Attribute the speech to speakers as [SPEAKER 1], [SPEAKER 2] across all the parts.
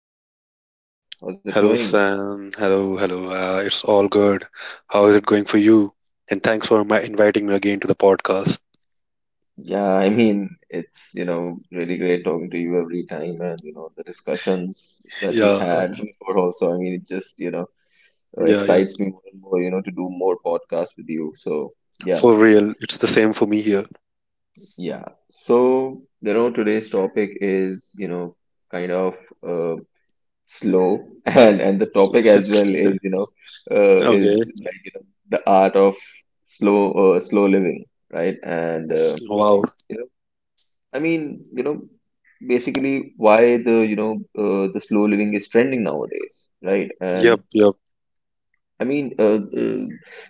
[SPEAKER 1] episode. How's it
[SPEAKER 2] Hello,
[SPEAKER 1] going?
[SPEAKER 2] Sam. Hello, hello. It's all good. How is it going for you? And thanks for my inviting me again to the podcast.
[SPEAKER 1] Yeah, I mean, it's, really great talking to you every time, and, the discussions that we
[SPEAKER 2] Yeah, uh,
[SPEAKER 1] had before also. I mean, it just,
[SPEAKER 2] yeah.
[SPEAKER 1] excites me more and more, to do more podcasts with you. So, yeah,
[SPEAKER 2] For real, it's the same for me here.
[SPEAKER 1] yeah. So, today's topic is, kind of uh, slow and the topic as well is, uh, is
[SPEAKER 2] Okay.
[SPEAKER 1] like, the art of slow living, right. And,
[SPEAKER 2] Wow.
[SPEAKER 1] you know I mean, basically why the you know the slow living is trending nowadays, right.
[SPEAKER 2] Yep,
[SPEAKER 1] And
[SPEAKER 2] yep,
[SPEAKER 1] I mean,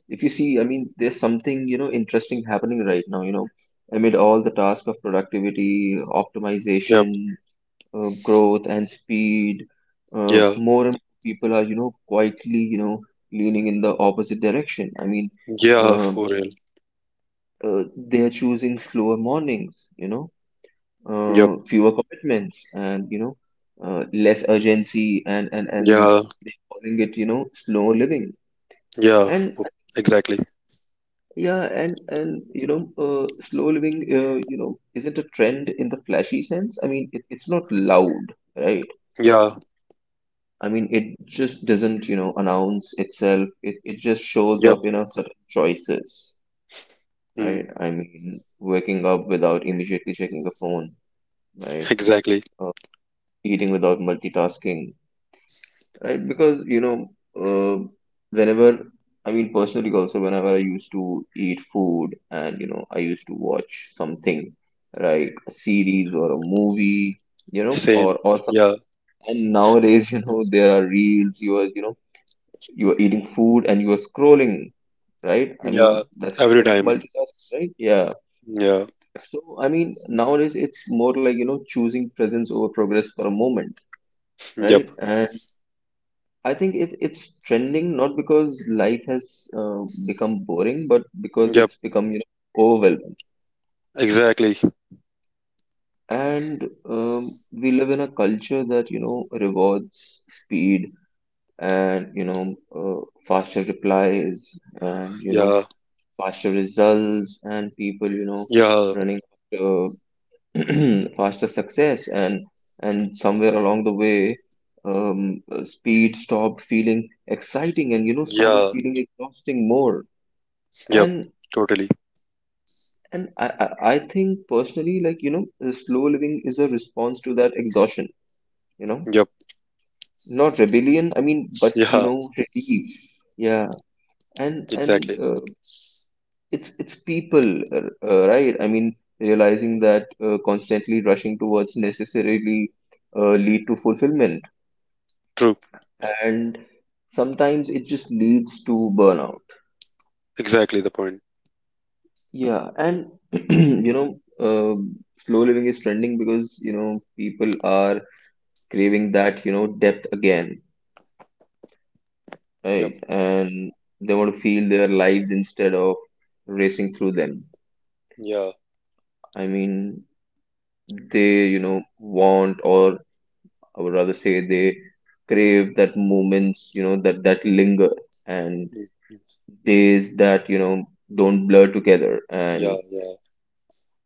[SPEAKER 1] if you see, I mean, there's something interesting happening right now, amid all the task of productivity optimization,
[SPEAKER 2] yep.
[SPEAKER 1] growth and speed.
[SPEAKER 2] Yeah,
[SPEAKER 1] More and more people are, quietly, leaning in the opposite direction. I mean,
[SPEAKER 2] yeah.
[SPEAKER 1] uh,
[SPEAKER 2] For real.
[SPEAKER 1] they're choosing slower mornings,
[SPEAKER 2] Yep.
[SPEAKER 1] fewer commitments, and less urgency, and and
[SPEAKER 2] Yeah,
[SPEAKER 1] they're calling it, slow living.
[SPEAKER 2] yeah.
[SPEAKER 1] And
[SPEAKER 2] for- Exactly.
[SPEAKER 1] yeah, and slow living, isn't a trend in the flashy sense. I mean, it's not loud, right?
[SPEAKER 2] Yeah,
[SPEAKER 1] I mean, it just doesn't, announce itself. It just shows
[SPEAKER 2] yep.
[SPEAKER 1] up in our certain choices,
[SPEAKER 2] Mm,
[SPEAKER 1] right? I mean, waking up without immediately checking the phone, right?
[SPEAKER 2] exactly.
[SPEAKER 1] Uh, Eating without multitasking, right? Because, uh, whenever, I mean, personally also, whenever I used to eat food and, I used to watch something like a series or a movie, you know, or,
[SPEAKER 2] Same.
[SPEAKER 1] or, some-
[SPEAKER 2] Yeah,
[SPEAKER 1] and nowadays, there are reels, you are, you are eating food and you are scrolling, right? I
[SPEAKER 2] yeah.
[SPEAKER 1] mean, that's
[SPEAKER 2] Every
[SPEAKER 1] kind of
[SPEAKER 2] time.
[SPEAKER 1] multitasking, right? Yeah.
[SPEAKER 2] Yeah.
[SPEAKER 1] So, I mean, nowadays it's more like, choosing presence over progress for a moment, right?
[SPEAKER 2] Yep.
[SPEAKER 1] And I think it's trending not because life has become boring, but because
[SPEAKER 2] Yep.
[SPEAKER 1] it's become, overwhelming.
[SPEAKER 2] Exactly.
[SPEAKER 1] And we live in a culture that, rewards speed and, faster replies and,
[SPEAKER 2] Yeah.
[SPEAKER 1] faster results and people
[SPEAKER 2] Yeah.
[SPEAKER 1] running after faster success. And somewhere along the way, speed stopped feeling exciting and started
[SPEAKER 2] Yeah.
[SPEAKER 1] feeling exhausting more.
[SPEAKER 2] Yep,
[SPEAKER 1] And
[SPEAKER 2] totally.
[SPEAKER 1] I think personally, like, slow living is a response to that exhaustion, you know
[SPEAKER 2] Yep,
[SPEAKER 1] not rebellion, I mean, but
[SPEAKER 2] yeah,
[SPEAKER 1] relief. Yeah. And
[SPEAKER 2] exactly.
[SPEAKER 1] it's people, right, I mean, realizing that constantly rushing towards necessarily lead to fulfillment,
[SPEAKER 2] True.
[SPEAKER 1] and sometimes it just leads to burnout.
[SPEAKER 2] Exactly the point.
[SPEAKER 1] Yeah. And you know uh, slow living is trending because people are craving that, depth again,
[SPEAKER 2] Yep,
[SPEAKER 1] right. And they want to feel their lives instead of racing through them.
[SPEAKER 2] yeah,
[SPEAKER 1] I mean, they want, or I would rather say they crave that moments, that linger, and
[SPEAKER 2] mm,
[SPEAKER 1] days that don't blur together.
[SPEAKER 2] yeah,
[SPEAKER 1] And
[SPEAKER 2] yeah,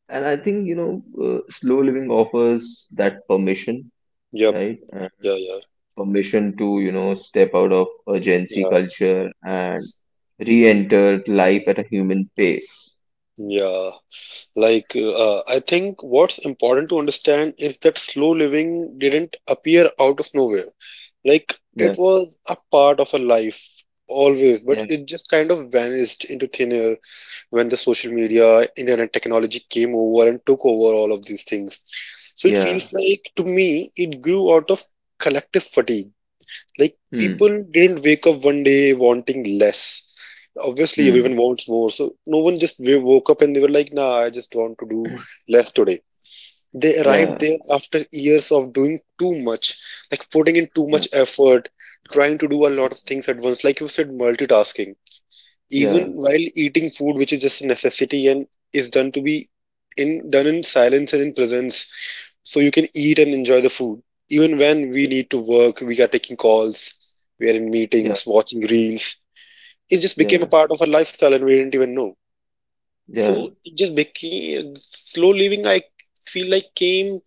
[SPEAKER 1] I think, slow living offers that permission,
[SPEAKER 2] yep,
[SPEAKER 1] right? And
[SPEAKER 2] yeah, yeah,
[SPEAKER 1] permission to, step out of urgency
[SPEAKER 2] yeah,
[SPEAKER 1] culture and re-enter life at a human pace.
[SPEAKER 2] yeah. I think what's important to understand is that slow living didn't appear out of nowhere. Like, it
[SPEAKER 1] Yeah,
[SPEAKER 2] was a part of a life always, but
[SPEAKER 1] yeah,
[SPEAKER 2] it just kind of vanished into thin air when the social media, internet technology came over and took over all of these things. So it
[SPEAKER 1] yeah.
[SPEAKER 2] feels like to me it grew out of collective fatigue. Like
[SPEAKER 1] Hmm,
[SPEAKER 2] people didn't wake up one day wanting less. Obviously,
[SPEAKER 1] hmm.
[SPEAKER 2] everyone wants more. So no one just woke up and they were like, nah, I just want to do less today. They arrived
[SPEAKER 1] Yeah,
[SPEAKER 2] there after years of doing too much, like putting in too
[SPEAKER 1] yeah,
[SPEAKER 2] much effort, trying to do a lot of things at once. Like you said, multitasking
[SPEAKER 1] yeah,
[SPEAKER 2] even while eating food, which is just a necessity and is done to be in done in silence and in presence, so you can eat and enjoy the food. Even when we
[SPEAKER 1] yeah,
[SPEAKER 2] need to work, we are taking calls, we are in
[SPEAKER 1] yeah,
[SPEAKER 2] meetings, watching reels. It just became a
[SPEAKER 1] yeah,
[SPEAKER 2] part of our lifestyle and we didn't even know.
[SPEAKER 1] yeah,
[SPEAKER 2] So it just became slow living. I feel like came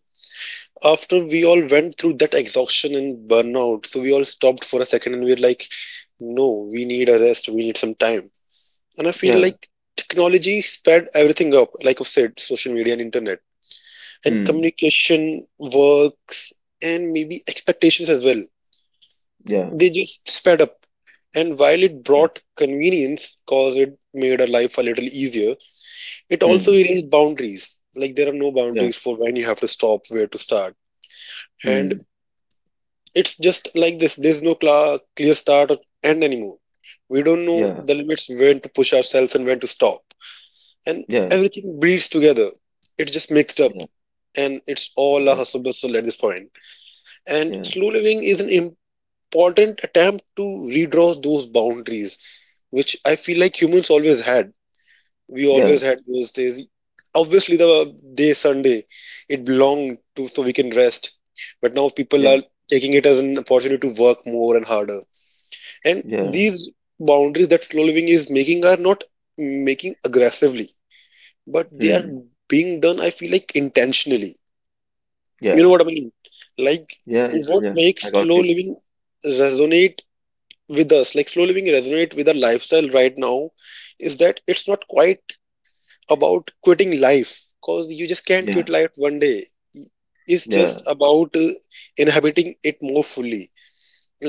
[SPEAKER 2] after we all went through that exhaustion and burnout. So we all stopped for a second and we were like, no, we need a rest. We need some time. And I feel
[SPEAKER 1] yeah.
[SPEAKER 2] like technology sped everything up, like I've said, social media and internet, and
[SPEAKER 1] Hmm,
[SPEAKER 2] communication, works, and maybe expectations as well.
[SPEAKER 1] yeah.
[SPEAKER 2] They just sped up. And while it
[SPEAKER 1] Yeah.
[SPEAKER 2] brought convenience, cause it made our life a little easier, it also
[SPEAKER 1] Hmm.
[SPEAKER 2] erased boundaries. Like there are no
[SPEAKER 1] Yeah.
[SPEAKER 2] boundaries for when you have to stop, where to start. And
[SPEAKER 1] Hmm.
[SPEAKER 2] it's just like this. There's no cla clear start or end anymore. We don't know
[SPEAKER 1] Yeah.
[SPEAKER 2] the limits when to push ourselves and when to stop. And
[SPEAKER 1] Yeah.
[SPEAKER 2] everything bleeds together. It's just mixed up,
[SPEAKER 1] Yeah.
[SPEAKER 2] and it's all a
[SPEAKER 1] Yeah.
[SPEAKER 2] hustle bustle at this point. And
[SPEAKER 1] Yeah.
[SPEAKER 2] slow living is an important attempt to redraw those boundaries, which I feel like humans always had. We always
[SPEAKER 1] Yeah.
[SPEAKER 2] had those days. Obviously, the day Sunday, it belonged to so we can rest. But now people
[SPEAKER 1] Yeah.
[SPEAKER 2] are taking it as an opportunity to work more and harder. And
[SPEAKER 1] Yeah.
[SPEAKER 2] these boundaries that slow living is making are not making aggressively, but they are
[SPEAKER 1] Hmm.
[SPEAKER 2] being done, I feel like, intentionally. You know
[SPEAKER 1] Yeah.
[SPEAKER 2] what I mean? Like,
[SPEAKER 1] Yeah. Yeah.
[SPEAKER 2] what
[SPEAKER 1] Yeah.
[SPEAKER 2] makes
[SPEAKER 1] I got
[SPEAKER 2] slow
[SPEAKER 1] you.
[SPEAKER 2] living resonate with us, like slow living resonate with our lifestyle right now, is that it's not quite about quitting life, because you just can't quit
[SPEAKER 1] Yeah.
[SPEAKER 2] life one day. It's
[SPEAKER 1] Yeah.
[SPEAKER 2] just about inhabiting it more fully,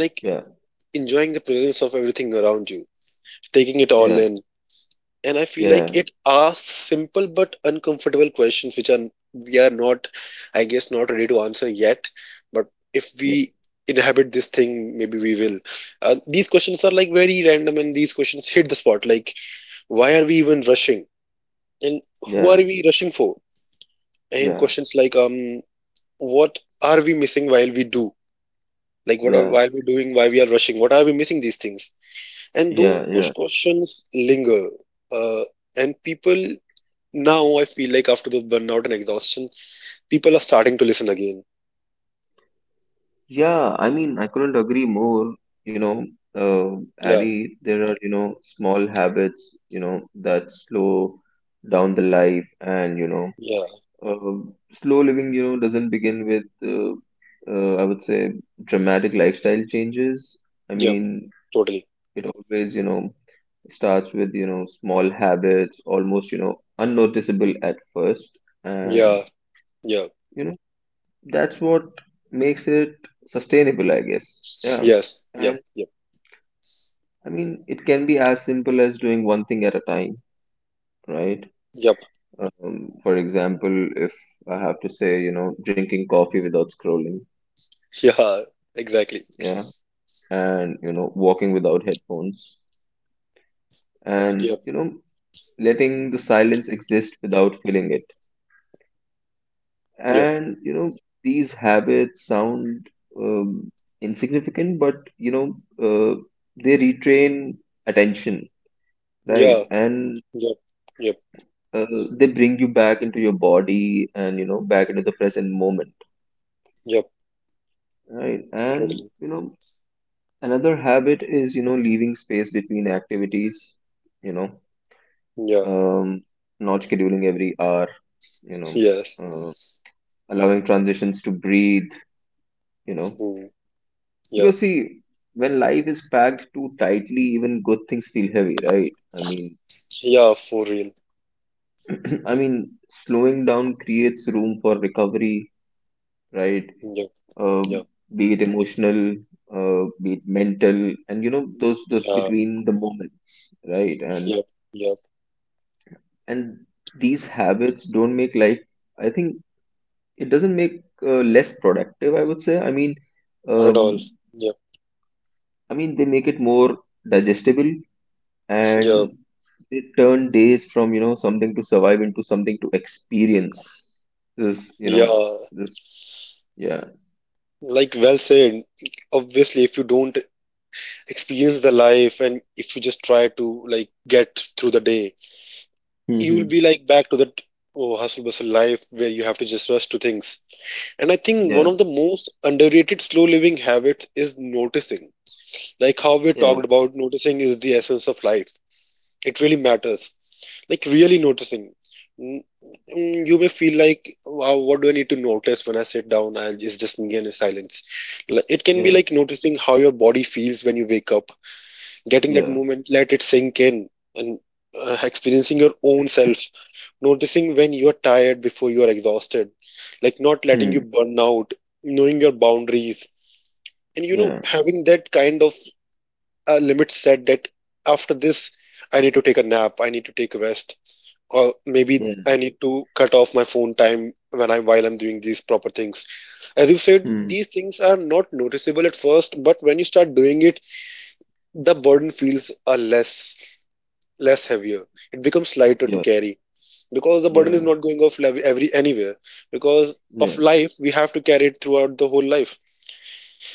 [SPEAKER 2] like
[SPEAKER 1] Yeah.
[SPEAKER 2] enjoying the presence of everything around you, taking it all
[SPEAKER 1] Yeah.
[SPEAKER 2] in. And I feel like
[SPEAKER 1] Yeah.
[SPEAKER 2] it asks simple but uncomfortable questions, which are we are not, I guess, not ready to answer yet. But if we inhabit this thing, maybe we will. These questions are like very random, and these questions hit the spot. Like, why are we even rushing? And who are
[SPEAKER 1] Yeah.
[SPEAKER 2] we rushing for?
[SPEAKER 1] Yeah.
[SPEAKER 2] And
[SPEAKER 1] Yeah.
[SPEAKER 2] questions like, what are we missing while we do? Like, what are
[SPEAKER 1] Yeah.
[SPEAKER 2] while we're doing? Why we are rushing? What are we missing? These things, and those
[SPEAKER 1] Yeah. Yeah.
[SPEAKER 2] questions linger. Uh, and people. Now I feel like after the burnout and exhaustion, people are starting to listen again.
[SPEAKER 1] Yeah. I mean, I couldn't agree more. You know, uh,
[SPEAKER 2] Yeah,
[SPEAKER 1] Ali, there are, small habits, that slow down the life and,
[SPEAKER 2] yeah,
[SPEAKER 1] Slow living, doesn't begin with, I would say, dramatic lifestyle changes. I mean,
[SPEAKER 2] yep, totally.
[SPEAKER 1] it always, starts with, small habits, almost, unnoticeable at first.
[SPEAKER 2] Yeah,
[SPEAKER 1] And,
[SPEAKER 2] yeah,
[SPEAKER 1] you know, that's what makes it sustainable, I guess. Yeah.
[SPEAKER 2] yes,
[SPEAKER 1] And
[SPEAKER 2] yep, yep,
[SPEAKER 1] I mean, it can be as simple as doing one thing at a time, right?
[SPEAKER 2] yep,
[SPEAKER 1] For example, if I have to say, drinking coffee without scrolling.
[SPEAKER 2] yeah, exactly.
[SPEAKER 1] Yeah. And walking without headphones, and
[SPEAKER 2] Yep,
[SPEAKER 1] letting the silence exist without feeling it,
[SPEAKER 2] yep,
[SPEAKER 1] and these habits sound, um, insignificant, but, uh, they retrain attention, right.
[SPEAKER 2] yeah,
[SPEAKER 1] And,
[SPEAKER 2] yep, yep,
[SPEAKER 1] uh, they bring you back into your body, and back into the present moment,
[SPEAKER 2] yep,
[SPEAKER 1] right. And
[SPEAKER 2] totally.
[SPEAKER 1] another habit is, leaving space between activities, you know
[SPEAKER 2] Yeah,
[SPEAKER 1] um, not scheduling every hour, you know,
[SPEAKER 2] yes,
[SPEAKER 1] uh, allowing transitions to breathe, you know.
[SPEAKER 2] mm, yeah,
[SPEAKER 1] Because, see, when life is packed too tightly, even good things feel heavy, right? I mean,
[SPEAKER 2] yeah, for real.
[SPEAKER 1] I mean, slowing down creates room for recovery, right?
[SPEAKER 2] Yep,
[SPEAKER 1] Um,
[SPEAKER 2] yep,
[SPEAKER 1] be it emotional, be it mental, and those
[SPEAKER 2] yeah,
[SPEAKER 1] between the moments, right? And
[SPEAKER 2] yep, yep.
[SPEAKER 1] and these habits don't make life. I think it doesn't make, less productive, I would say. I mean,
[SPEAKER 2] Not at all.
[SPEAKER 1] um,
[SPEAKER 2] Yep,
[SPEAKER 1] I mean, they make it more digestible, and
[SPEAKER 2] yep,
[SPEAKER 1] they turn days from something to survive into something to experience this,
[SPEAKER 2] yeah.
[SPEAKER 1] this. Yeah.
[SPEAKER 2] Like, well said. Obviously, if you don't experience the life and if you just try to like get through the day, you will be
[SPEAKER 1] Hmm.
[SPEAKER 2] like back to that, oh, hustle bustle life where you have to just rush to things. And I think one
[SPEAKER 1] Yeah.
[SPEAKER 2] of the most underrated slow living habits is noticing. Like how we
[SPEAKER 1] Yeah.
[SPEAKER 2] talked about, noticing is the essence of life. It really matters, like really noticing. Mm, mm, you may feel like, wow, what do I need to notice when I sit down and it's just me and silence? Like, it can be
[SPEAKER 1] Yeah.
[SPEAKER 2] like noticing how your body feels when you wake up, getting that
[SPEAKER 1] Yeah.
[SPEAKER 2] moment, let it sink in, and experiencing your own self, noticing when you are tired before you are exhausted, like not letting you
[SPEAKER 1] Hmm.
[SPEAKER 2] burn out, knowing your boundaries, and you know,
[SPEAKER 1] Yeah.
[SPEAKER 2] having that kind of limit set that after this, I need to take a nap, I need to take a rest, or maybe
[SPEAKER 1] Yeah.
[SPEAKER 2] I need to cut off my phone time when I'm while I'm doing these proper things. As you said,
[SPEAKER 1] Hmm.
[SPEAKER 2] these things are not noticeable at first, but when you start doing it, the burden feels less heavier. It becomes lighter to
[SPEAKER 1] Yeah.
[SPEAKER 2] carry because the burden is
[SPEAKER 1] Yeah.
[SPEAKER 2] not going off every anywhere. Because of
[SPEAKER 1] Yeah.
[SPEAKER 2] life, we have to carry it throughout the whole life.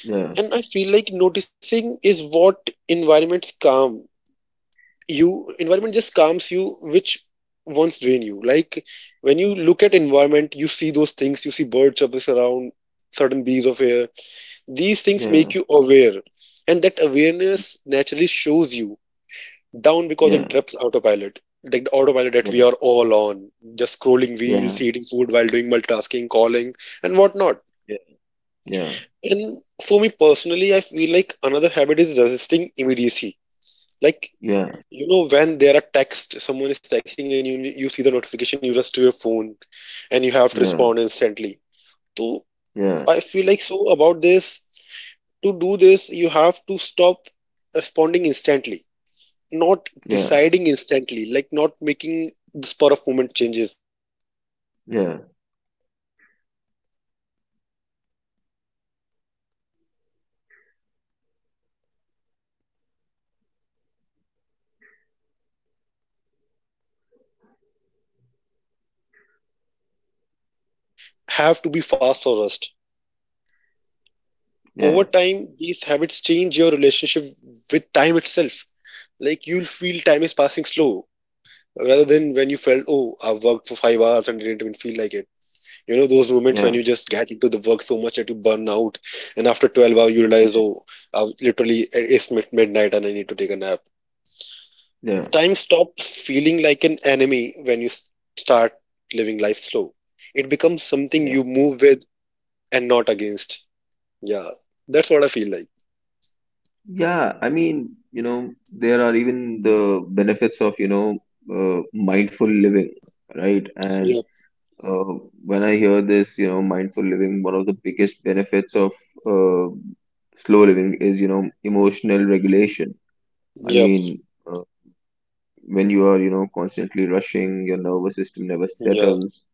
[SPEAKER 1] Yeah.
[SPEAKER 2] And I feel like noticing is what environments calm you. Environment just calms you, which once drain you. Like when you look at environment, you see those things. You see birds up around, certain breeze of air. These things
[SPEAKER 1] Yeah.
[SPEAKER 2] make you aware, and that awareness naturally shows you down because it
[SPEAKER 1] Yeah.
[SPEAKER 2] interrupts autopilot, like the autopilot that we
[SPEAKER 1] Yeah.
[SPEAKER 2] are all on, just scrolling reels,
[SPEAKER 1] Yeah.
[SPEAKER 2] eating food while doing multitasking, calling and whatnot.
[SPEAKER 1] Yeah.
[SPEAKER 2] And for me personally, I feel like another habit is resisting immediacy. Like,
[SPEAKER 1] Yeah.
[SPEAKER 2] you know, when there are text, someone is texting and you see the notification, you rush to your phone and you have to respond
[SPEAKER 1] Yeah.
[SPEAKER 2] instantly. So I
[SPEAKER 1] Yeah.
[SPEAKER 2] feel like so about this, to do this you have to stop responding instantly, not
[SPEAKER 1] Yeah.
[SPEAKER 2] deciding instantly, like not making the spur of moment changes, actions
[SPEAKER 1] Yeah.
[SPEAKER 2] on the
[SPEAKER 1] Yeah.
[SPEAKER 2] moment, and when they ask. So these kind of things are what I feel like are important to us for making life a less heavier for what it is right now. And slow living reminds us that most things don't have to be fast or rushed.
[SPEAKER 1] Yeah.
[SPEAKER 2] Over time, these habits change your relationship with time itself. Like you'll feel time is passing slow rather than when you felt, oh, I've worked for 5 hours and it didn't even feel like it. You know, those moments when
[SPEAKER 1] Yeah.
[SPEAKER 2] you just get into the work so much that you burn out, and after 12 hours, you realize,
[SPEAKER 1] Yeah.
[SPEAKER 2] oh, I've literally it's midnight and I need to take a nap.
[SPEAKER 1] Yeah.
[SPEAKER 2] Time stops feeling like an enemy when you start living life slow. It becomes something
[SPEAKER 1] Yeah.
[SPEAKER 2] you move with and not against. Yeah, that's what I feel like.
[SPEAKER 1] Yeah. I mean, there are even the benefits of, mindful living, right? And,
[SPEAKER 2] Yep,
[SPEAKER 1] uh, when I hear this, mindful living, one of the biggest benefits of, uh, slow living is, emotional regulation. I
[SPEAKER 2] yep,
[SPEAKER 1] mean, when you are, constantly rushing, your nervous system never
[SPEAKER 2] yeah,
[SPEAKER 1] settles,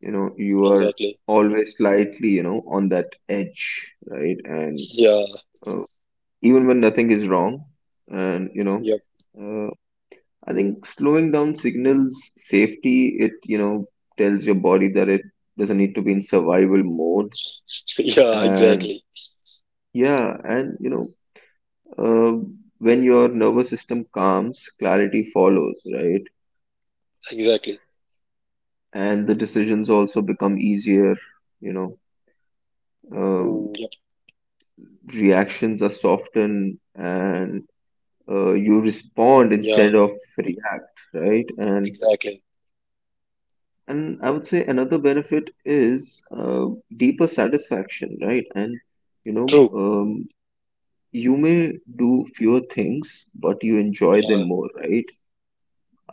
[SPEAKER 1] you are
[SPEAKER 2] exactly.
[SPEAKER 1] always slightly, on that edge, right? And,
[SPEAKER 2] Yeah,
[SPEAKER 1] uh, even when nothing is wrong. And,
[SPEAKER 2] yep,
[SPEAKER 1] uh, I think slowing down signals safety. It tells your body that it doesn't need to be in survival mode.
[SPEAKER 2] yeah,
[SPEAKER 1] And
[SPEAKER 2] exactly,
[SPEAKER 1] yeah, and, uh, when your nervous system calms, clarity follows, right?
[SPEAKER 2] exactly.
[SPEAKER 1] And the decisions also become easier. You know,
[SPEAKER 2] Mm,
[SPEAKER 1] Um
[SPEAKER 2] yep,
[SPEAKER 1] Reactions are softened, and, you respond
[SPEAKER 2] yeah,
[SPEAKER 1] instead of react, right? And
[SPEAKER 2] exactly.
[SPEAKER 1] And I would say another benefit is, deeper satisfaction, right? And, you
[SPEAKER 2] True,
[SPEAKER 1] know, um, you may do fewer things, but you enjoy them
[SPEAKER 2] yeah,
[SPEAKER 1] more, right?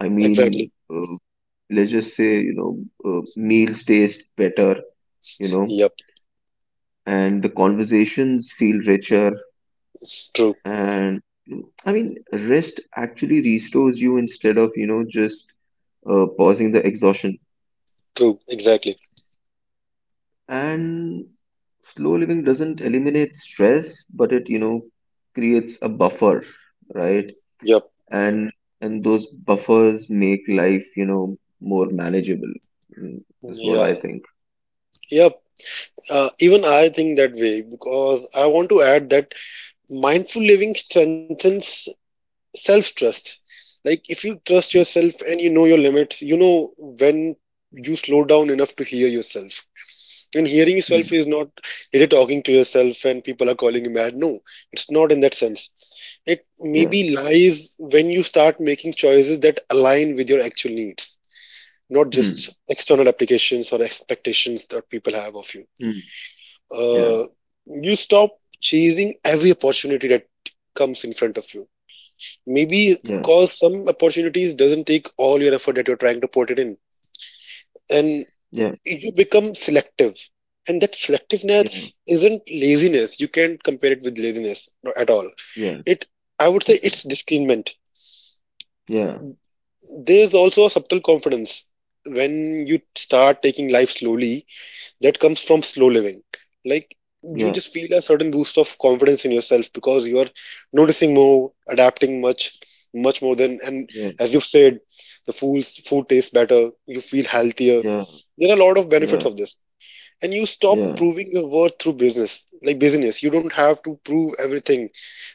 [SPEAKER 1] I mean,
[SPEAKER 2] exactly.
[SPEAKER 1] let's just say, meals taste better, you know,
[SPEAKER 2] Yep,
[SPEAKER 1] and the conversations feel richer.
[SPEAKER 2] true,
[SPEAKER 1] And I mean, rest actually restores you, instead of, just, pausing the exhaustion.
[SPEAKER 2] true, exactly.
[SPEAKER 1] And slow living doesn't eliminate stress, but it creates a buffer, right?
[SPEAKER 2] Yep.
[SPEAKER 1] And those buffers make life, more manageable. Is what I
[SPEAKER 2] Yeah.
[SPEAKER 1] think.
[SPEAKER 2] Yep. Even I think that way because I want to add that mindful living strengthens self trust. Like, if you trust
[SPEAKER 1] Mm,
[SPEAKER 2] yourself and you know your limits, you know when you slow down enough to hear yourself. And hearing yourself
[SPEAKER 1] mm,
[SPEAKER 2] is not you're talking to yourself and people are calling you mad. No, it's not in that sense. It
[SPEAKER 1] yeah.
[SPEAKER 2] maybe lies when you start making choices that align with your actual needs, not just
[SPEAKER 1] Mm,
[SPEAKER 2] external applications or expectations that people have of you.
[SPEAKER 1] mm, yeah.
[SPEAKER 2] Uh, you stop chasing every opportunity that comes in front of you. Maybe
[SPEAKER 1] Yeah.
[SPEAKER 2] cause some opportunities doesn't take all your effort that you're trying to put it in, and
[SPEAKER 1] Yeah.
[SPEAKER 2] you become selective. And that selectiveness isn't laziness. You can't compare it with laziness at all.
[SPEAKER 1] Yeah.
[SPEAKER 2] It, I would say,
[SPEAKER 1] Yeah.
[SPEAKER 2] it's discernment.
[SPEAKER 1] Yeah.
[SPEAKER 2] There's also a subtle confidence when you start taking life slowly that comes from slow living. Like you
[SPEAKER 1] Yeah.
[SPEAKER 2] just feel a certain boost of confidence in yourself because you are noticing more, adapting much, much more than. And
[SPEAKER 1] Yeah.
[SPEAKER 2] as you've said, the food tastes better. You feel healthier.
[SPEAKER 1] Yeah.
[SPEAKER 2] There are a lot of benefits
[SPEAKER 1] Yeah.
[SPEAKER 2] of this, and you stop
[SPEAKER 1] Yeah.
[SPEAKER 2] proving your worth through business, like business. You don't have to prove everything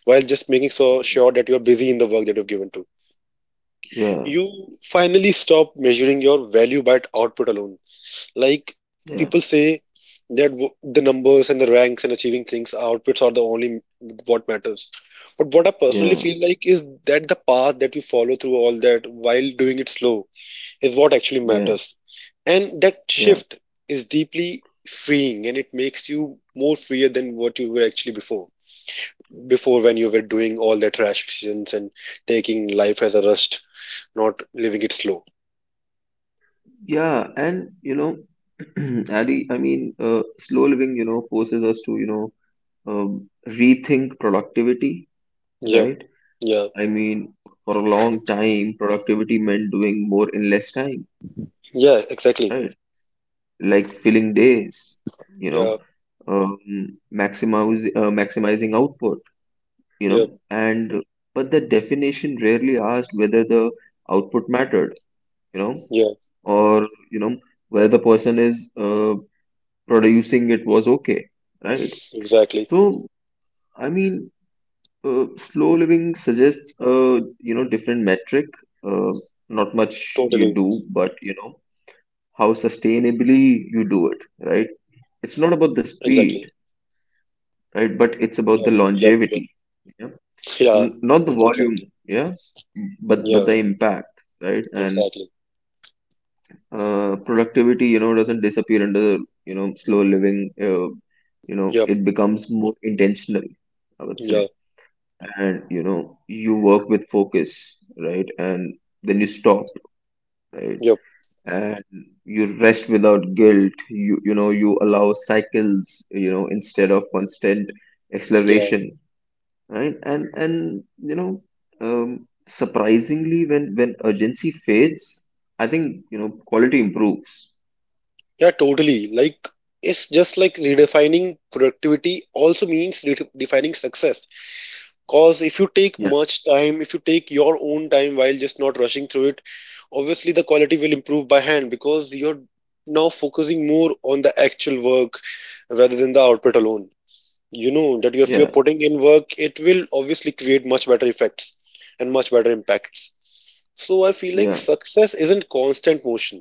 [SPEAKER 2] while just making so sure that you're busy in the work that you've given to.
[SPEAKER 1] Yeah. Yeah.
[SPEAKER 2] You finally stop measuring your value by output alone, like people
[SPEAKER 1] Yeah.
[SPEAKER 2] say that the numbers and the ranks and achieving things, outputs are the only what matters. But what I personally
[SPEAKER 1] Yeah.
[SPEAKER 2] feel like is that the path that you follow through all that while doing it slow is what actually
[SPEAKER 1] Yeah.
[SPEAKER 2] matters. And that
[SPEAKER 1] Yeah.
[SPEAKER 2] shift is deeply freeing, and it makes you more freer than what you were actually before. Before when you were doing all the rash decisions and taking life as a rust, not living it slow.
[SPEAKER 1] Yeah, and, Ali, I mean, slow living, forces us to, rethink productivity,
[SPEAKER 2] Yep,
[SPEAKER 1] right?
[SPEAKER 2] yeah,
[SPEAKER 1] I mean, for a long time, productivity meant doing more in less time,
[SPEAKER 2] yeah, exactly.
[SPEAKER 1] right? Like filling days, you know,
[SPEAKER 2] Yeah.
[SPEAKER 1] um, maximizing output, you
[SPEAKER 2] Yep.
[SPEAKER 1] know, and but the definition rarely asked whether the output mattered, you know,
[SPEAKER 2] Yeah.
[SPEAKER 1] or whether the person is producing it was okay, right?
[SPEAKER 2] Exactly.
[SPEAKER 1] So, I mean, uh, slow living suggests a different metric. Uh, Not much you
[SPEAKER 2] Totally.
[SPEAKER 1] do, but how sustainably you do it, right? It's not about
[SPEAKER 2] Exactly.
[SPEAKER 1] the speed, right? But
[SPEAKER 2] Yep.
[SPEAKER 1] it's about the
[SPEAKER 2] Yep. Yep.
[SPEAKER 1] longevity, yeah?
[SPEAKER 2] Yeah.
[SPEAKER 1] Not the
[SPEAKER 2] Exactly.
[SPEAKER 1] volume, yeah, but
[SPEAKER 2] Yeah.
[SPEAKER 1] the impact, right? And,
[SPEAKER 2] Exactly.
[SPEAKER 1] productivity, doesn't disappear under slow living.
[SPEAKER 2] Yep.
[SPEAKER 1] It becomes more intentional, I would say.
[SPEAKER 2] Yeah.
[SPEAKER 1] And you work with focus, right. And then you stop, right.
[SPEAKER 2] Yep.
[SPEAKER 1] And you rest without guilt. You allow cycles, instead of constant
[SPEAKER 2] Yeah.
[SPEAKER 1] acceleration, right. And, you know surprisingly, when urgency fades, I think, quality improves.
[SPEAKER 2] Yeah. Totally. Like, it's just like redefining productivity also means redefining success. Cause if you take
[SPEAKER 1] Yeah.
[SPEAKER 2] much time, if you take your own time while just not rushing through it, obviously the quality will improve by hand, because you're now focusing more on the actual work rather than the output alone. You know that if
[SPEAKER 1] Yeah.
[SPEAKER 2] you're putting in work it will obviously create much better effects and much better impacts. So I feel like
[SPEAKER 1] Yeah.
[SPEAKER 2] success isn't constant motion,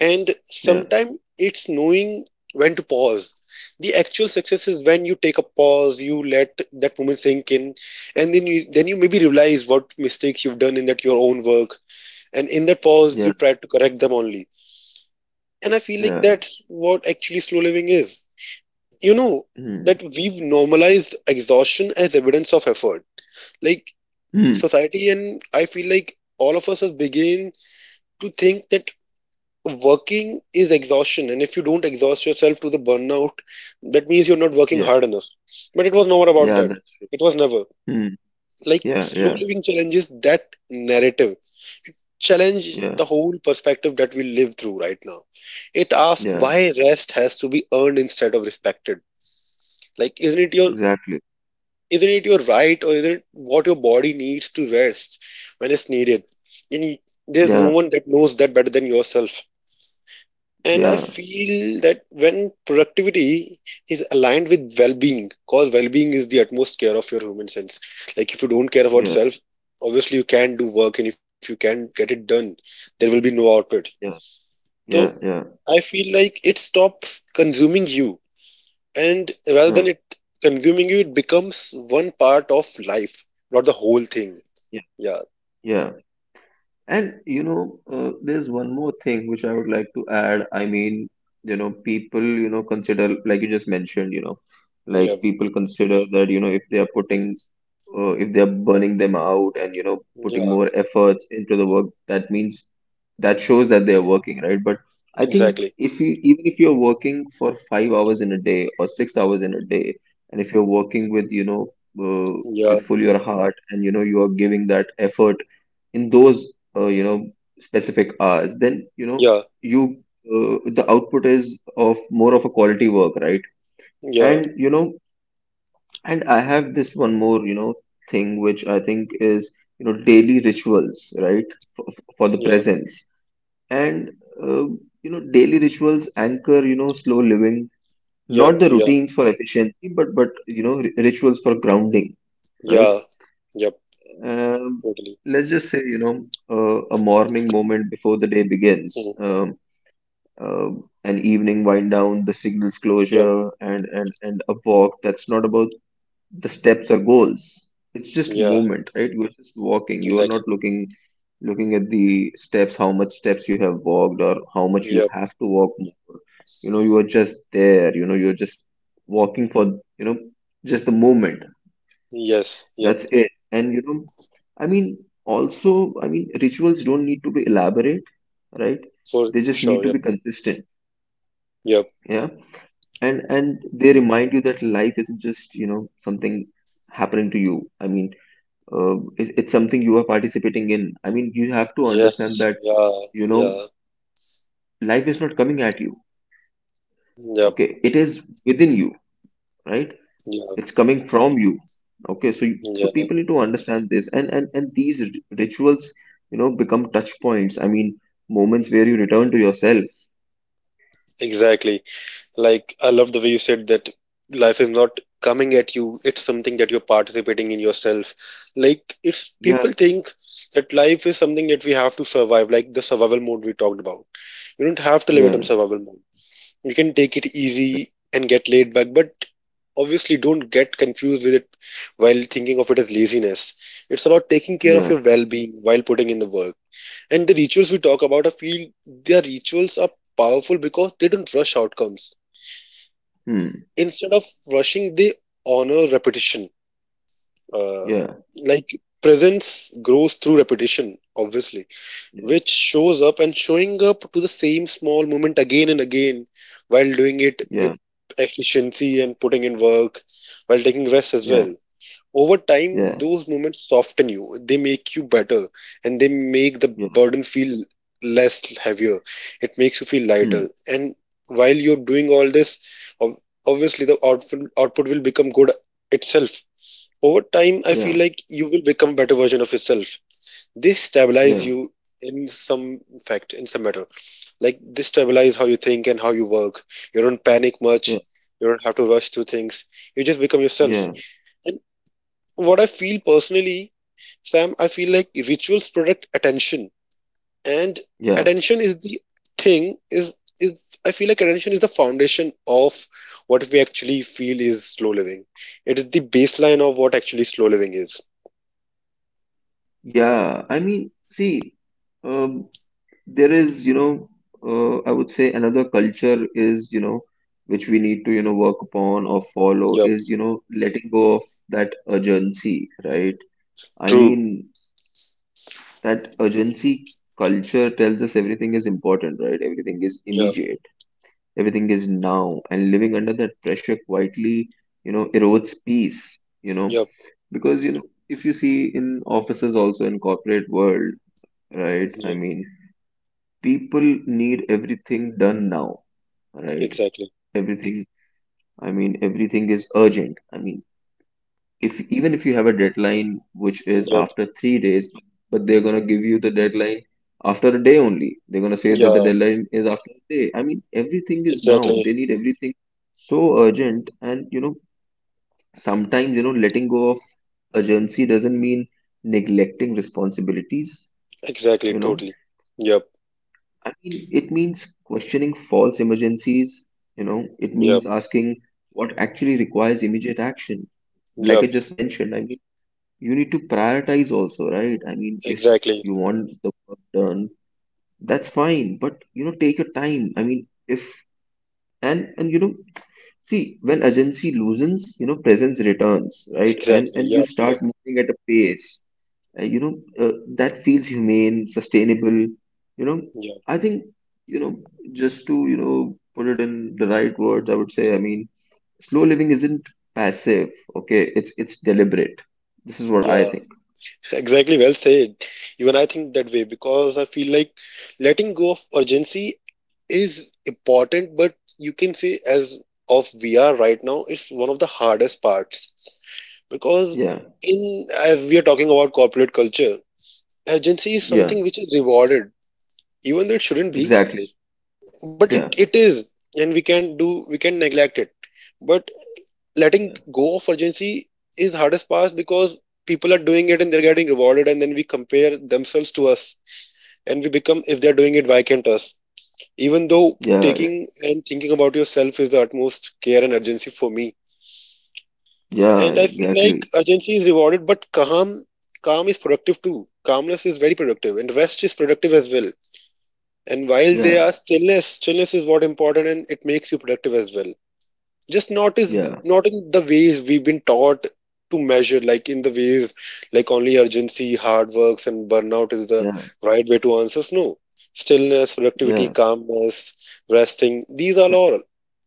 [SPEAKER 2] and
[SPEAKER 1] Yeah.
[SPEAKER 2] sometimes it's knowing when to pause. The actual success is when you take a pause, you let that moment sink in, and then you maybe realize what mistakes you've done in that your own work, and in that pause you
[SPEAKER 1] Yeah.
[SPEAKER 2] try to correct them only. And I feel like
[SPEAKER 1] Yeah.
[SPEAKER 2] that's what actually slow living is, you know.
[SPEAKER 1] Mm,
[SPEAKER 2] That we've normalized exhaustion as evidence of effort, like
[SPEAKER 1] mm,
[SPEAKER 2] society, and I feel like all of us has begin to think that working is exhaustion, and if you don't exhaust yourself to the burnout, that means you're not working
[SPEAKER 1] yeah.
[SPEAKER 2] hard enough. But it was never about
[SPEAKER 1] Yeah,
[SPEAKER 2] that.
[SPEAKER 1] that's true.
[SPEAKER 2] It was never,
[SPEAKER 1] Mm,
[SPEAKER 2] like,
[SPEAKER 1] yeah.
[SPEAKER 2] slow
[SPEAKER 1] Yeah.
[SPEAKER 2] living challenges that narrative, challenge
[SPEAKER 1] Yeah.
[SPEAKER 2] the whole perspective that we live through right now. It asks
[SPEAKER 1] Yeah.
[SPEAKER 2] why rest has to be earned instead of respected. Like, isn't it your
[SPEAKER 1] Exactly.
[SPEAKER 2] isn't it your right, or isn't it what your body needs to rest when it's needed? And there's no
[SPEAKER 1] Yeah,
[SPEAKER 2] one that knows that better than yourself. And I
[SPEAKER 1] yeah,
[SPEAKER 2] feel that when productivity is aligned with well-being, because well-being is the utmost care of your human sense. Like, if you don't care about
[SPEAKER 1] yeah,
[SPEAKER 2] self, obviously you can not do work, and if you can not get it done, there will be no output.
[SPEAKER 1] yeah,
[SPEAKER 2] So
[SPEAKER 1] yeah, yeah,
[SPEAKER 2] I feel like it stops consuming you, and rather
[SPEAKER 1] yeah,
[SPEAKER 2] than it consuming you, it becomes one part of life, not the whole thing.
[SPEAKER 1] yeah,
[SPEAKER 2] Yeah.
[SPEAKER 1] yeah. And, there's one more thing which I would like to add. I mean, people, consider, like you just mentioned, like
[SPEAKER 2] Yeah.
[SPEAKER 1] people consider that, if they are putting if they're burning them out and putting
[SPEAKER 2] Yeah.
[SPEAKER 1] more efforts into the work that means that shows that they're working, right? But I think
[SPEAKER 2] Exactly.
[SPEAKER 1] if you even if you're working for 5 hours in a day or 6 hours in a day, and if you're working with uh,
[SPEAKER 2] Yeah.
[SPEAKER 1] with full your heart, and you are giving that effort in those uh, you know specific hours, then you know
[SPEAKER 2] Yeah.
[SPEAKER 1] you the output is of more of a quality work, right?
[SPEAKER 2] Yeah.
[SPEAKER 1] And and I have this one more, thing which I think is, you know, daily rituals, right, for, for the
[SPEAKER 2] Yeah.
[SPEAKER 1] presence. And, uh, you know, daily rituals anchor, you know, slow living, not
[SPEAKER 2] Yep.
[SPEAKER 1] the
[SPEAKER 2] Yeah.
[SPEAKER 1] routines for efficiency, but, you know, rituals for grounding, right?
[SPEAKER 2] Yeah. Yep.
[SPEAKER 1] Um,
[SPEAKER 2] Totally.
[SPEAKER 1] let's just say, you know, a morning moment before the day begins,
[SPEAKER 2] Mm.
[SPEAKER 1] an evening wind down, the signals
[SPEAKER 2] Yep.
[SPEAKER 1] closure, and, and a walk that's not about the steps or goals. It's just
[SPEAKER 2] Yeah.
[SPEAKER 1] movement, right? You're just walking, you're
[SPEAKER 2] Exactly.
[SPEAKER 1] not looking at the steps, how much steps you have walked or how much you
[SPEAKER 2] Yep.
[SPEAKER 1] have to walk more. You know, you are just there, you know, you're just walking for, you know, just the movement.
[SPEAKER 2] Yes. Yep.
[SPEAKER 1] That's it. And you know, I mean, also, I mean, rituals don't need to be elaborate, right?
[SPEAKER 2] For
[SPEAKER 1] They just
[SPEAKER 2] sure.
[SPEAKER 1] need to
[SPEAKER 2] Yep.
[SPEAKER 1] be consistent.
[SPEAKER 2] Yep.
[SPEAKER 1] Yeah. And they remind you that life isn't just, you know, something happening to you. I mean, it, it's something you are participating in. I mean, you have to understand
[SPEAKER 2] Yes.
[SPEAKER 1] that,
[SPEAKER 2] Yeah.
[SPEAKER 1] you
[SPEAKER 2] Yeah.
[SPEAKER 1] know, life is not coming at you.
[SPEAKER 2] Yep.
[SPEAKER 1] Okay. It is within you, right?
[SPEAKER 2] Yeah.
[SPEAKER 1] It's coming from you. Okay. So, so
[SPEAKER 2] Yeah.
[SPEAKER 1] people need to understand this and, and and these rituals, you know, become touch points. I mean, moments where you return to yourself.
[SPEAKER 2] Exactly. Like, I love the way you said that life is not coming at you, it's something that you're participating in yourself. Like, it's
[SPEAKER 1] Yeah.
[SPEAKER 2] people think that life is something that we have to survive, like the survival mode we talked about. You don't have to live it on
[SPEAKER 1] Yeah.
[SPEAKER 2] survival mode. You can take it easy and get laid back, but obviously don't get confused with it while thinking of it as laziness. It's about taking care of
[SPEAKER 1] Yeah.
[SPEAKER 2] your well being while putting in the work. And the rituals we talk about, I feel their rituals are powerful because they don't rush outcomes.
[SPEAKER 1] Hmm.
[SPEAKER 2] Instead of rushing, they honor repetition. Uh,
[SPEAKER 1] Yeah.
[SPEAKER 2] like, presence grows through repetition, obviously,
[SPEAKER 1] Yeah.
[SPEAKER 2] which shows up, and showing up to the same small moment again and again while doing it with
[SPEAKER 1] Yeah.
[SPEAKER 2] efficiency and putting in work while taking rest as
[SPEAKER 1] Yeah.
[SPEAKER 2] well. Over time
[SPEAKER 1] Yeah.
[SPEAKER 2] those moments soften you, they make you better, and they make the
[SPEAKER 1] Yeah.
[SPEAKER 2] burden feel less heavier. It makes you feel
[SPEAKER 1] Hmm.
[SPEAKER 2] lighter, and while you're doing all this, ob- obviously the output will become good itself. Over time I feel
[SPEAKER 1] Yeah.
[SPEAKER 2] like you will become a better version of yourself. They stabilize you
[SPEAKER 1] Yeah.
[SPEAKER 2] in some fact, in some matter. Like, they stabilize how you think and how you work. You don't panic much,
[SPEAKER 1] Yeah.
[SPEAKER 2] you don't have to rush through things, you just become yourself.
[SPEAKER 1] Yeah.
[SPEAKER 2] What I feel personally, Sam, I feel like rituals protect attention, and
[SPEAKER 1] Yeah.
[SPEAKER 2] attention is the thing is, I feel like attention is the foundation of what we actually feel is slow living. It is the baseline of what actually slow living is.
[SPEAKER 1] Yeah. I mean, see, um, there is I would say another culture is, you know, which we need to, you know, work upon or follow
[SPEAKER 2] Yep.
[SPEAKER 1] is, you know, letting go of that urgency, right? I
[SPEAKER 2] True.
[SPEAKER 1] mean, that urgency culture tells us everything is important, right? Everything is
[SPEAKER 2] Yeah.
[SPEAKER 1] immediate, everything is now, and living under that pressure quietly, you know, erodes peace, you know,
[SPEAKER 2] Yep.
[SPEAKER 1] because, you know, if you see in offices also, in corporate world, right, I
[SPEAKER 2] Yep.
[SPEAKER 1] mean, people need everything done now, right?
[SPEAKER 2] Exactly.
[SPEAKER 1] Everything, I mean, everything is urgent. I mean, if even if you have a deadline which is
[SPEAKER 2] Yep.
[SPEAKER 1] after 3 days, but they're going to give you the deadline after a day only, they're going to say that the
[SPEAKER 2] Yeah.
[SPEAKER 1] deadline is after a day. I mean, everything is now, they
[SPEAKER 2] Exactly.
[SPEAKER 1] need everything so urgent. And you know, sometimes, you know, letting go of urgency doesn't mean neglecting responsibilities,
[SPEAKER 2] Exactly.
[SPEAKER 1] you know,
[SPEAKER 2] Totally. Yep.
[SPEAKER 1] I mean, it means questioning false emergencies, you know, it
[SPEAKER 2] Yep.
[SPEAKER 1] means asking what actually requires immediate action. Like I
[SPEAKER 2] Yep.
[SPEAKER 1] just mentioned, I mean, you need to prioritize also, right? I mean, if
[SPEAKER 2] Exactly.
[SPEAKER 1] you want the work done, that's fine, but you know, take your time. I mean, if and you know, see, when agency loosens, you know, presence returns, right?
[SPEAKER 2] Exactly.
[SPEAKER 1] And you
[SPEAKER 2] Yep.
[SPEAKER 1] start
[SPEAKER 2] Yep.
[SPEAKER 1] moving at a pace, you know, that feels humane, sustainable. You know,
[SPEAKER 2] Yep.
[SPEAKER 1] I think, you know, just to, you know, put it in the right words, I would say, I mean, slow living isn't passive, okay? It's deliberate. This is what I
[SPEAKER 2] Yeah.
[SPEAKER 1] think.
[SPEAKER 2] Exactly, well said. Even I think that way because I feel like letting go of urgency is important, but you can say as of VR right now, it's one of the hardest parts, because
[SPEAKER 1] Yeah,
[SPEAKER 2] in as we are talking about corporate culture, urgency is
[SPEAKER 1] yeah,
[SPEAKER 2] something which is rewarded, even though it shouldn't be,
[SPEAKER 1] exactly.
[SPEAKER 2] but it,
[SPEAKER 1] Yeah,
[SPEAKER 2] it is, and we can neglect it. But letting
[SPEAKER 1] yeah,
[SPEAKER 2] go of urgency is hardest part because people are doing it and they're getting rewarded, and then we compare themselves to us and we become, if they're doing it why can't us, even though
[SPEAKER 1] yeah, yeah,
[SPEAKER 2] taking and thinking about yourself is the utmost care and urgency for me.
[SPEAKER 1] yeah,
[SPEAKER 2] And I feel like
[SPEAKER 1] exactly.
[SPEAKER 2] urgency is rewarded, but calm is productive too. Calmness is very productive, and rest is productive as well, and while they
[SPEAKER 1] Yeah,
[SPEAKER 2] are stillness is what important, and it makes you productive as well. Just not, is
[SPEAKER 1] yeah,
[SPEAKER 2] not in the ways we've been taught to measure, like in the ways, like only urgency hard works and burnout is the
[SPEAKER 1] yeah,
[SPEAKER 2] right way to answer. No, stillness, productivity,
[SPEAKER 1] yeah,
[SPEAKER 2] calmness, resting, these are all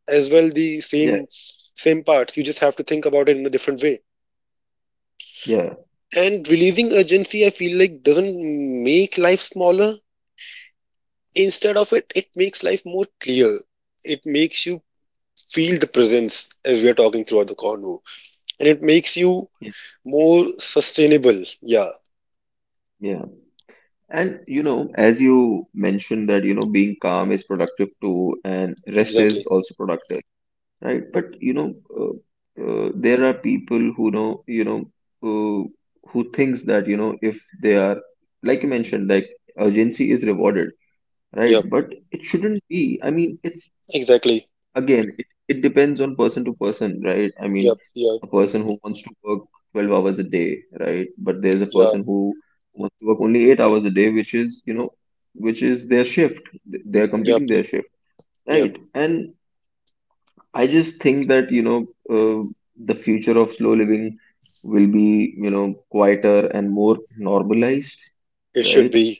[SPEAKER 2] as well the
[SPEAKER 1] yeah,
[SPEAKER 2] same parts, you just have to think about it in a different way.
[SPEAKER 1] yeah,
[SPEAKER 2] And releasing urgency, I feel like, doesn't make life smaller, instead of it makes life more clear. It makes you feel the presence, as we are talking throughout the convo, and it makes you
[SPEAKER 1] yeah.
[SPEAKER 2] more sustainable. Yeah,
[SPEAKER 1] Yeah. And you know, as you mentioned that, you know, being calm is productive too, and rest is
[SPEAKER 2] exactly.
[SPEAKER 1] also productive, right? But you know, there are people who know, you know, who who thinks that, you know, if they are, like you mentioned, like urgency is rewarded, right?
[SPEAKER 2] Yep,
[SPEAKER 1] But it shouldn't be. I mean, it's,
[SPEAKER 2] exactly.
[SPEAKER 1] again, it depends on person to person, right? I mean,
[SPEAKER 2] Yep, yep,
[SPEAKER 1] a person who wants to work 12 hours a day, right? But there's a
[SPEAKER 2] yeah,
[SPEAKER 1] person who wants to work only 8 hours a day, which is, you know, which is their shift. They're
[SPEAKER 2] yep,
[SPEAKER 1] completing their shift,
[SPEAKER 2] yep.
[SPEAKER 1] right? And I just think that, you know, the future of slow living will be, you know, quieter and more normalized,
[SPEAKER 2] It should
[SPEAKER 1] right?
[SPEAKER 2] be.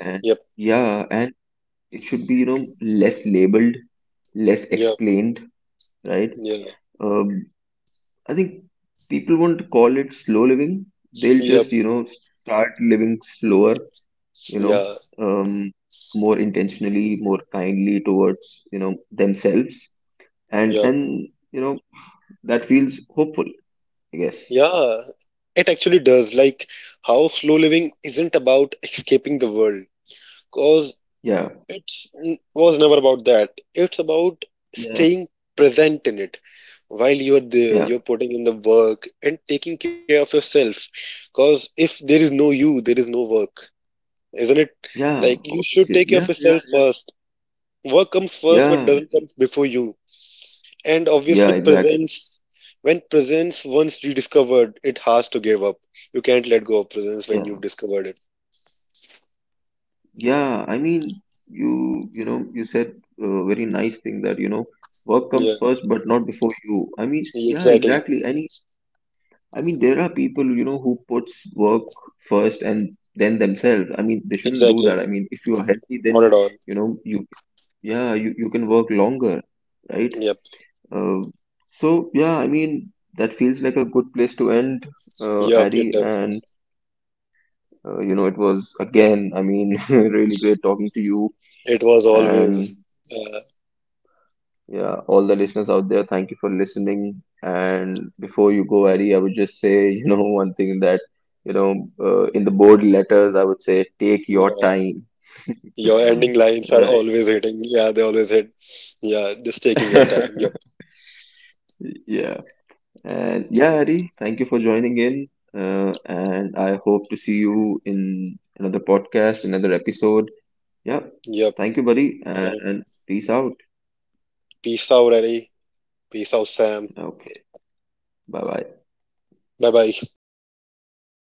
[SPEAKER 1] And
[SPEAKER 2] Yep,
[SPEAKER 1] yeah, and it should be, you know, less labeled, less
[SPEAKER 2] yep,
[SPEAKER 1] explained, right?
[SPEAKER 2] yeah,
[SPEAKER 1] Um I think people won't call it slow living. They'll
[SPEAKER 2] yep,
[SPEAKER 1] just, you know, start living slower, you know,
[SPEAKER 2] yeah,
[SPEAKER 1] um, more intentionally, more kindly towards, you know, themselves.
[SPEAKER 2] yep,
[SPEAKER 1] And you know, that feels hopeful, I guess.
[SPEAKER 2] yeah. It actually does. Like, how slow living isn't about escaping the world, cause
[SPEAKER 1] Yeah.
[SPEAKER 2] it's was never about that. It's about
[SPEAKER 1] Yeah.
[SPEAKER 2] staying present in it while you're there.
[SPEAKER 1] Yeah.
[SPEAKER 2] You're putting in the work and taking care of yourself, cause if there is no you, there is no work. Isn't it?
[SPEAKER 1] Yeah.
[SPEAKER 2] Like, you should
[SPEAKER 1] Obviously.
[SPEAKER 2] take care
[SPEAKER 1] Yeah.
[SPEAKER 2] of
[SPEAKER 1] Yeah.
[SPEAKER 2] yourself
[SPEAKER 1] Yeah.
[SPEAKER 2] first. Work comes first, but it
[SPEAKER 1] Yeah.
[SPEAKER 2] doesn't come before you. And
[SPEAKER 1] Yeah,
[SPEAKER 2] obviously,
[SPEAKER 1] exactly.
[SPEAKER 2] presence. When presence once rediscovered, it has to give up. You can't let go of presence when you've
[SPEAKER 1] Yeah.
[SPEAKER 2] discovered it.
[SPEAKER 1] Yeah. I mean, you know, you said a very nice thing that, you know, work
[SPEAKER 2] Yeah,
[SPEAKER 1] comes first, but not before you. I mean, yeah,
[SPEAKER 2] exactly,
[SPEAKER 1] exactly. And I mean, there are people, you know, who puts work first and then themselves. I mean, they shouldn't do that.
[SPEAKER 2] exactly.
[SPEAKER 1] I mean, if you are healthy,
[SPEAKER 2] Not
[SPEAKER 1] then,
[SPEAKER 2] at all.
[SPEAKER 1] you know, yeah, you can work longer, right?
[SPEAKER 2] Yep,
[SPEAKER 1] Uh, so, yeah, I mean, that feels like a good place to end,
[SPEAKER 2] yep.
[SPEAKER 1] Addy.
[SPEAKER 2] It
[SPEAKER 1] And,
[SPEAKER 2] does.
[SPEAKER 1] you know, it was again, I mean, really great talking to you.
[SPEAKER 2] It was
[SPEAKER 1] And
[SPEAKER 2] always. Uh,
[SPEAKER 1] yeah, all the listeners out there, thank you for listening. And before you go, Ari, I would just say, you know, one thing that, you know, in the bold letters, I would say, take your
[SPEAKER 2] yeah,
[SPEAKER 1] time.
[SPEAKER 2] your ending lines are
[SPEAKER 1] Right.
[SPEAKER 2] always hitting. Yeah, they always hit. Yeah, just taking your time. Yep,
[SPEAKER 1] Yeah. And yeah, Ari, thank you for joining in. And I hope to see you in another podcast, another episode. Yeah.
[SPEAKER 2] yep.
[SPEAKER 1] Thank you, buddy.
[SPEAKER 2] And
[SPEAKER 1] And peace out.
[SPEAKER 2] peace out, Eddie. Peace out, Sam.
[SPEAKER 1] Okay. Bye bye.
[SPEAKER 2] Bye bye.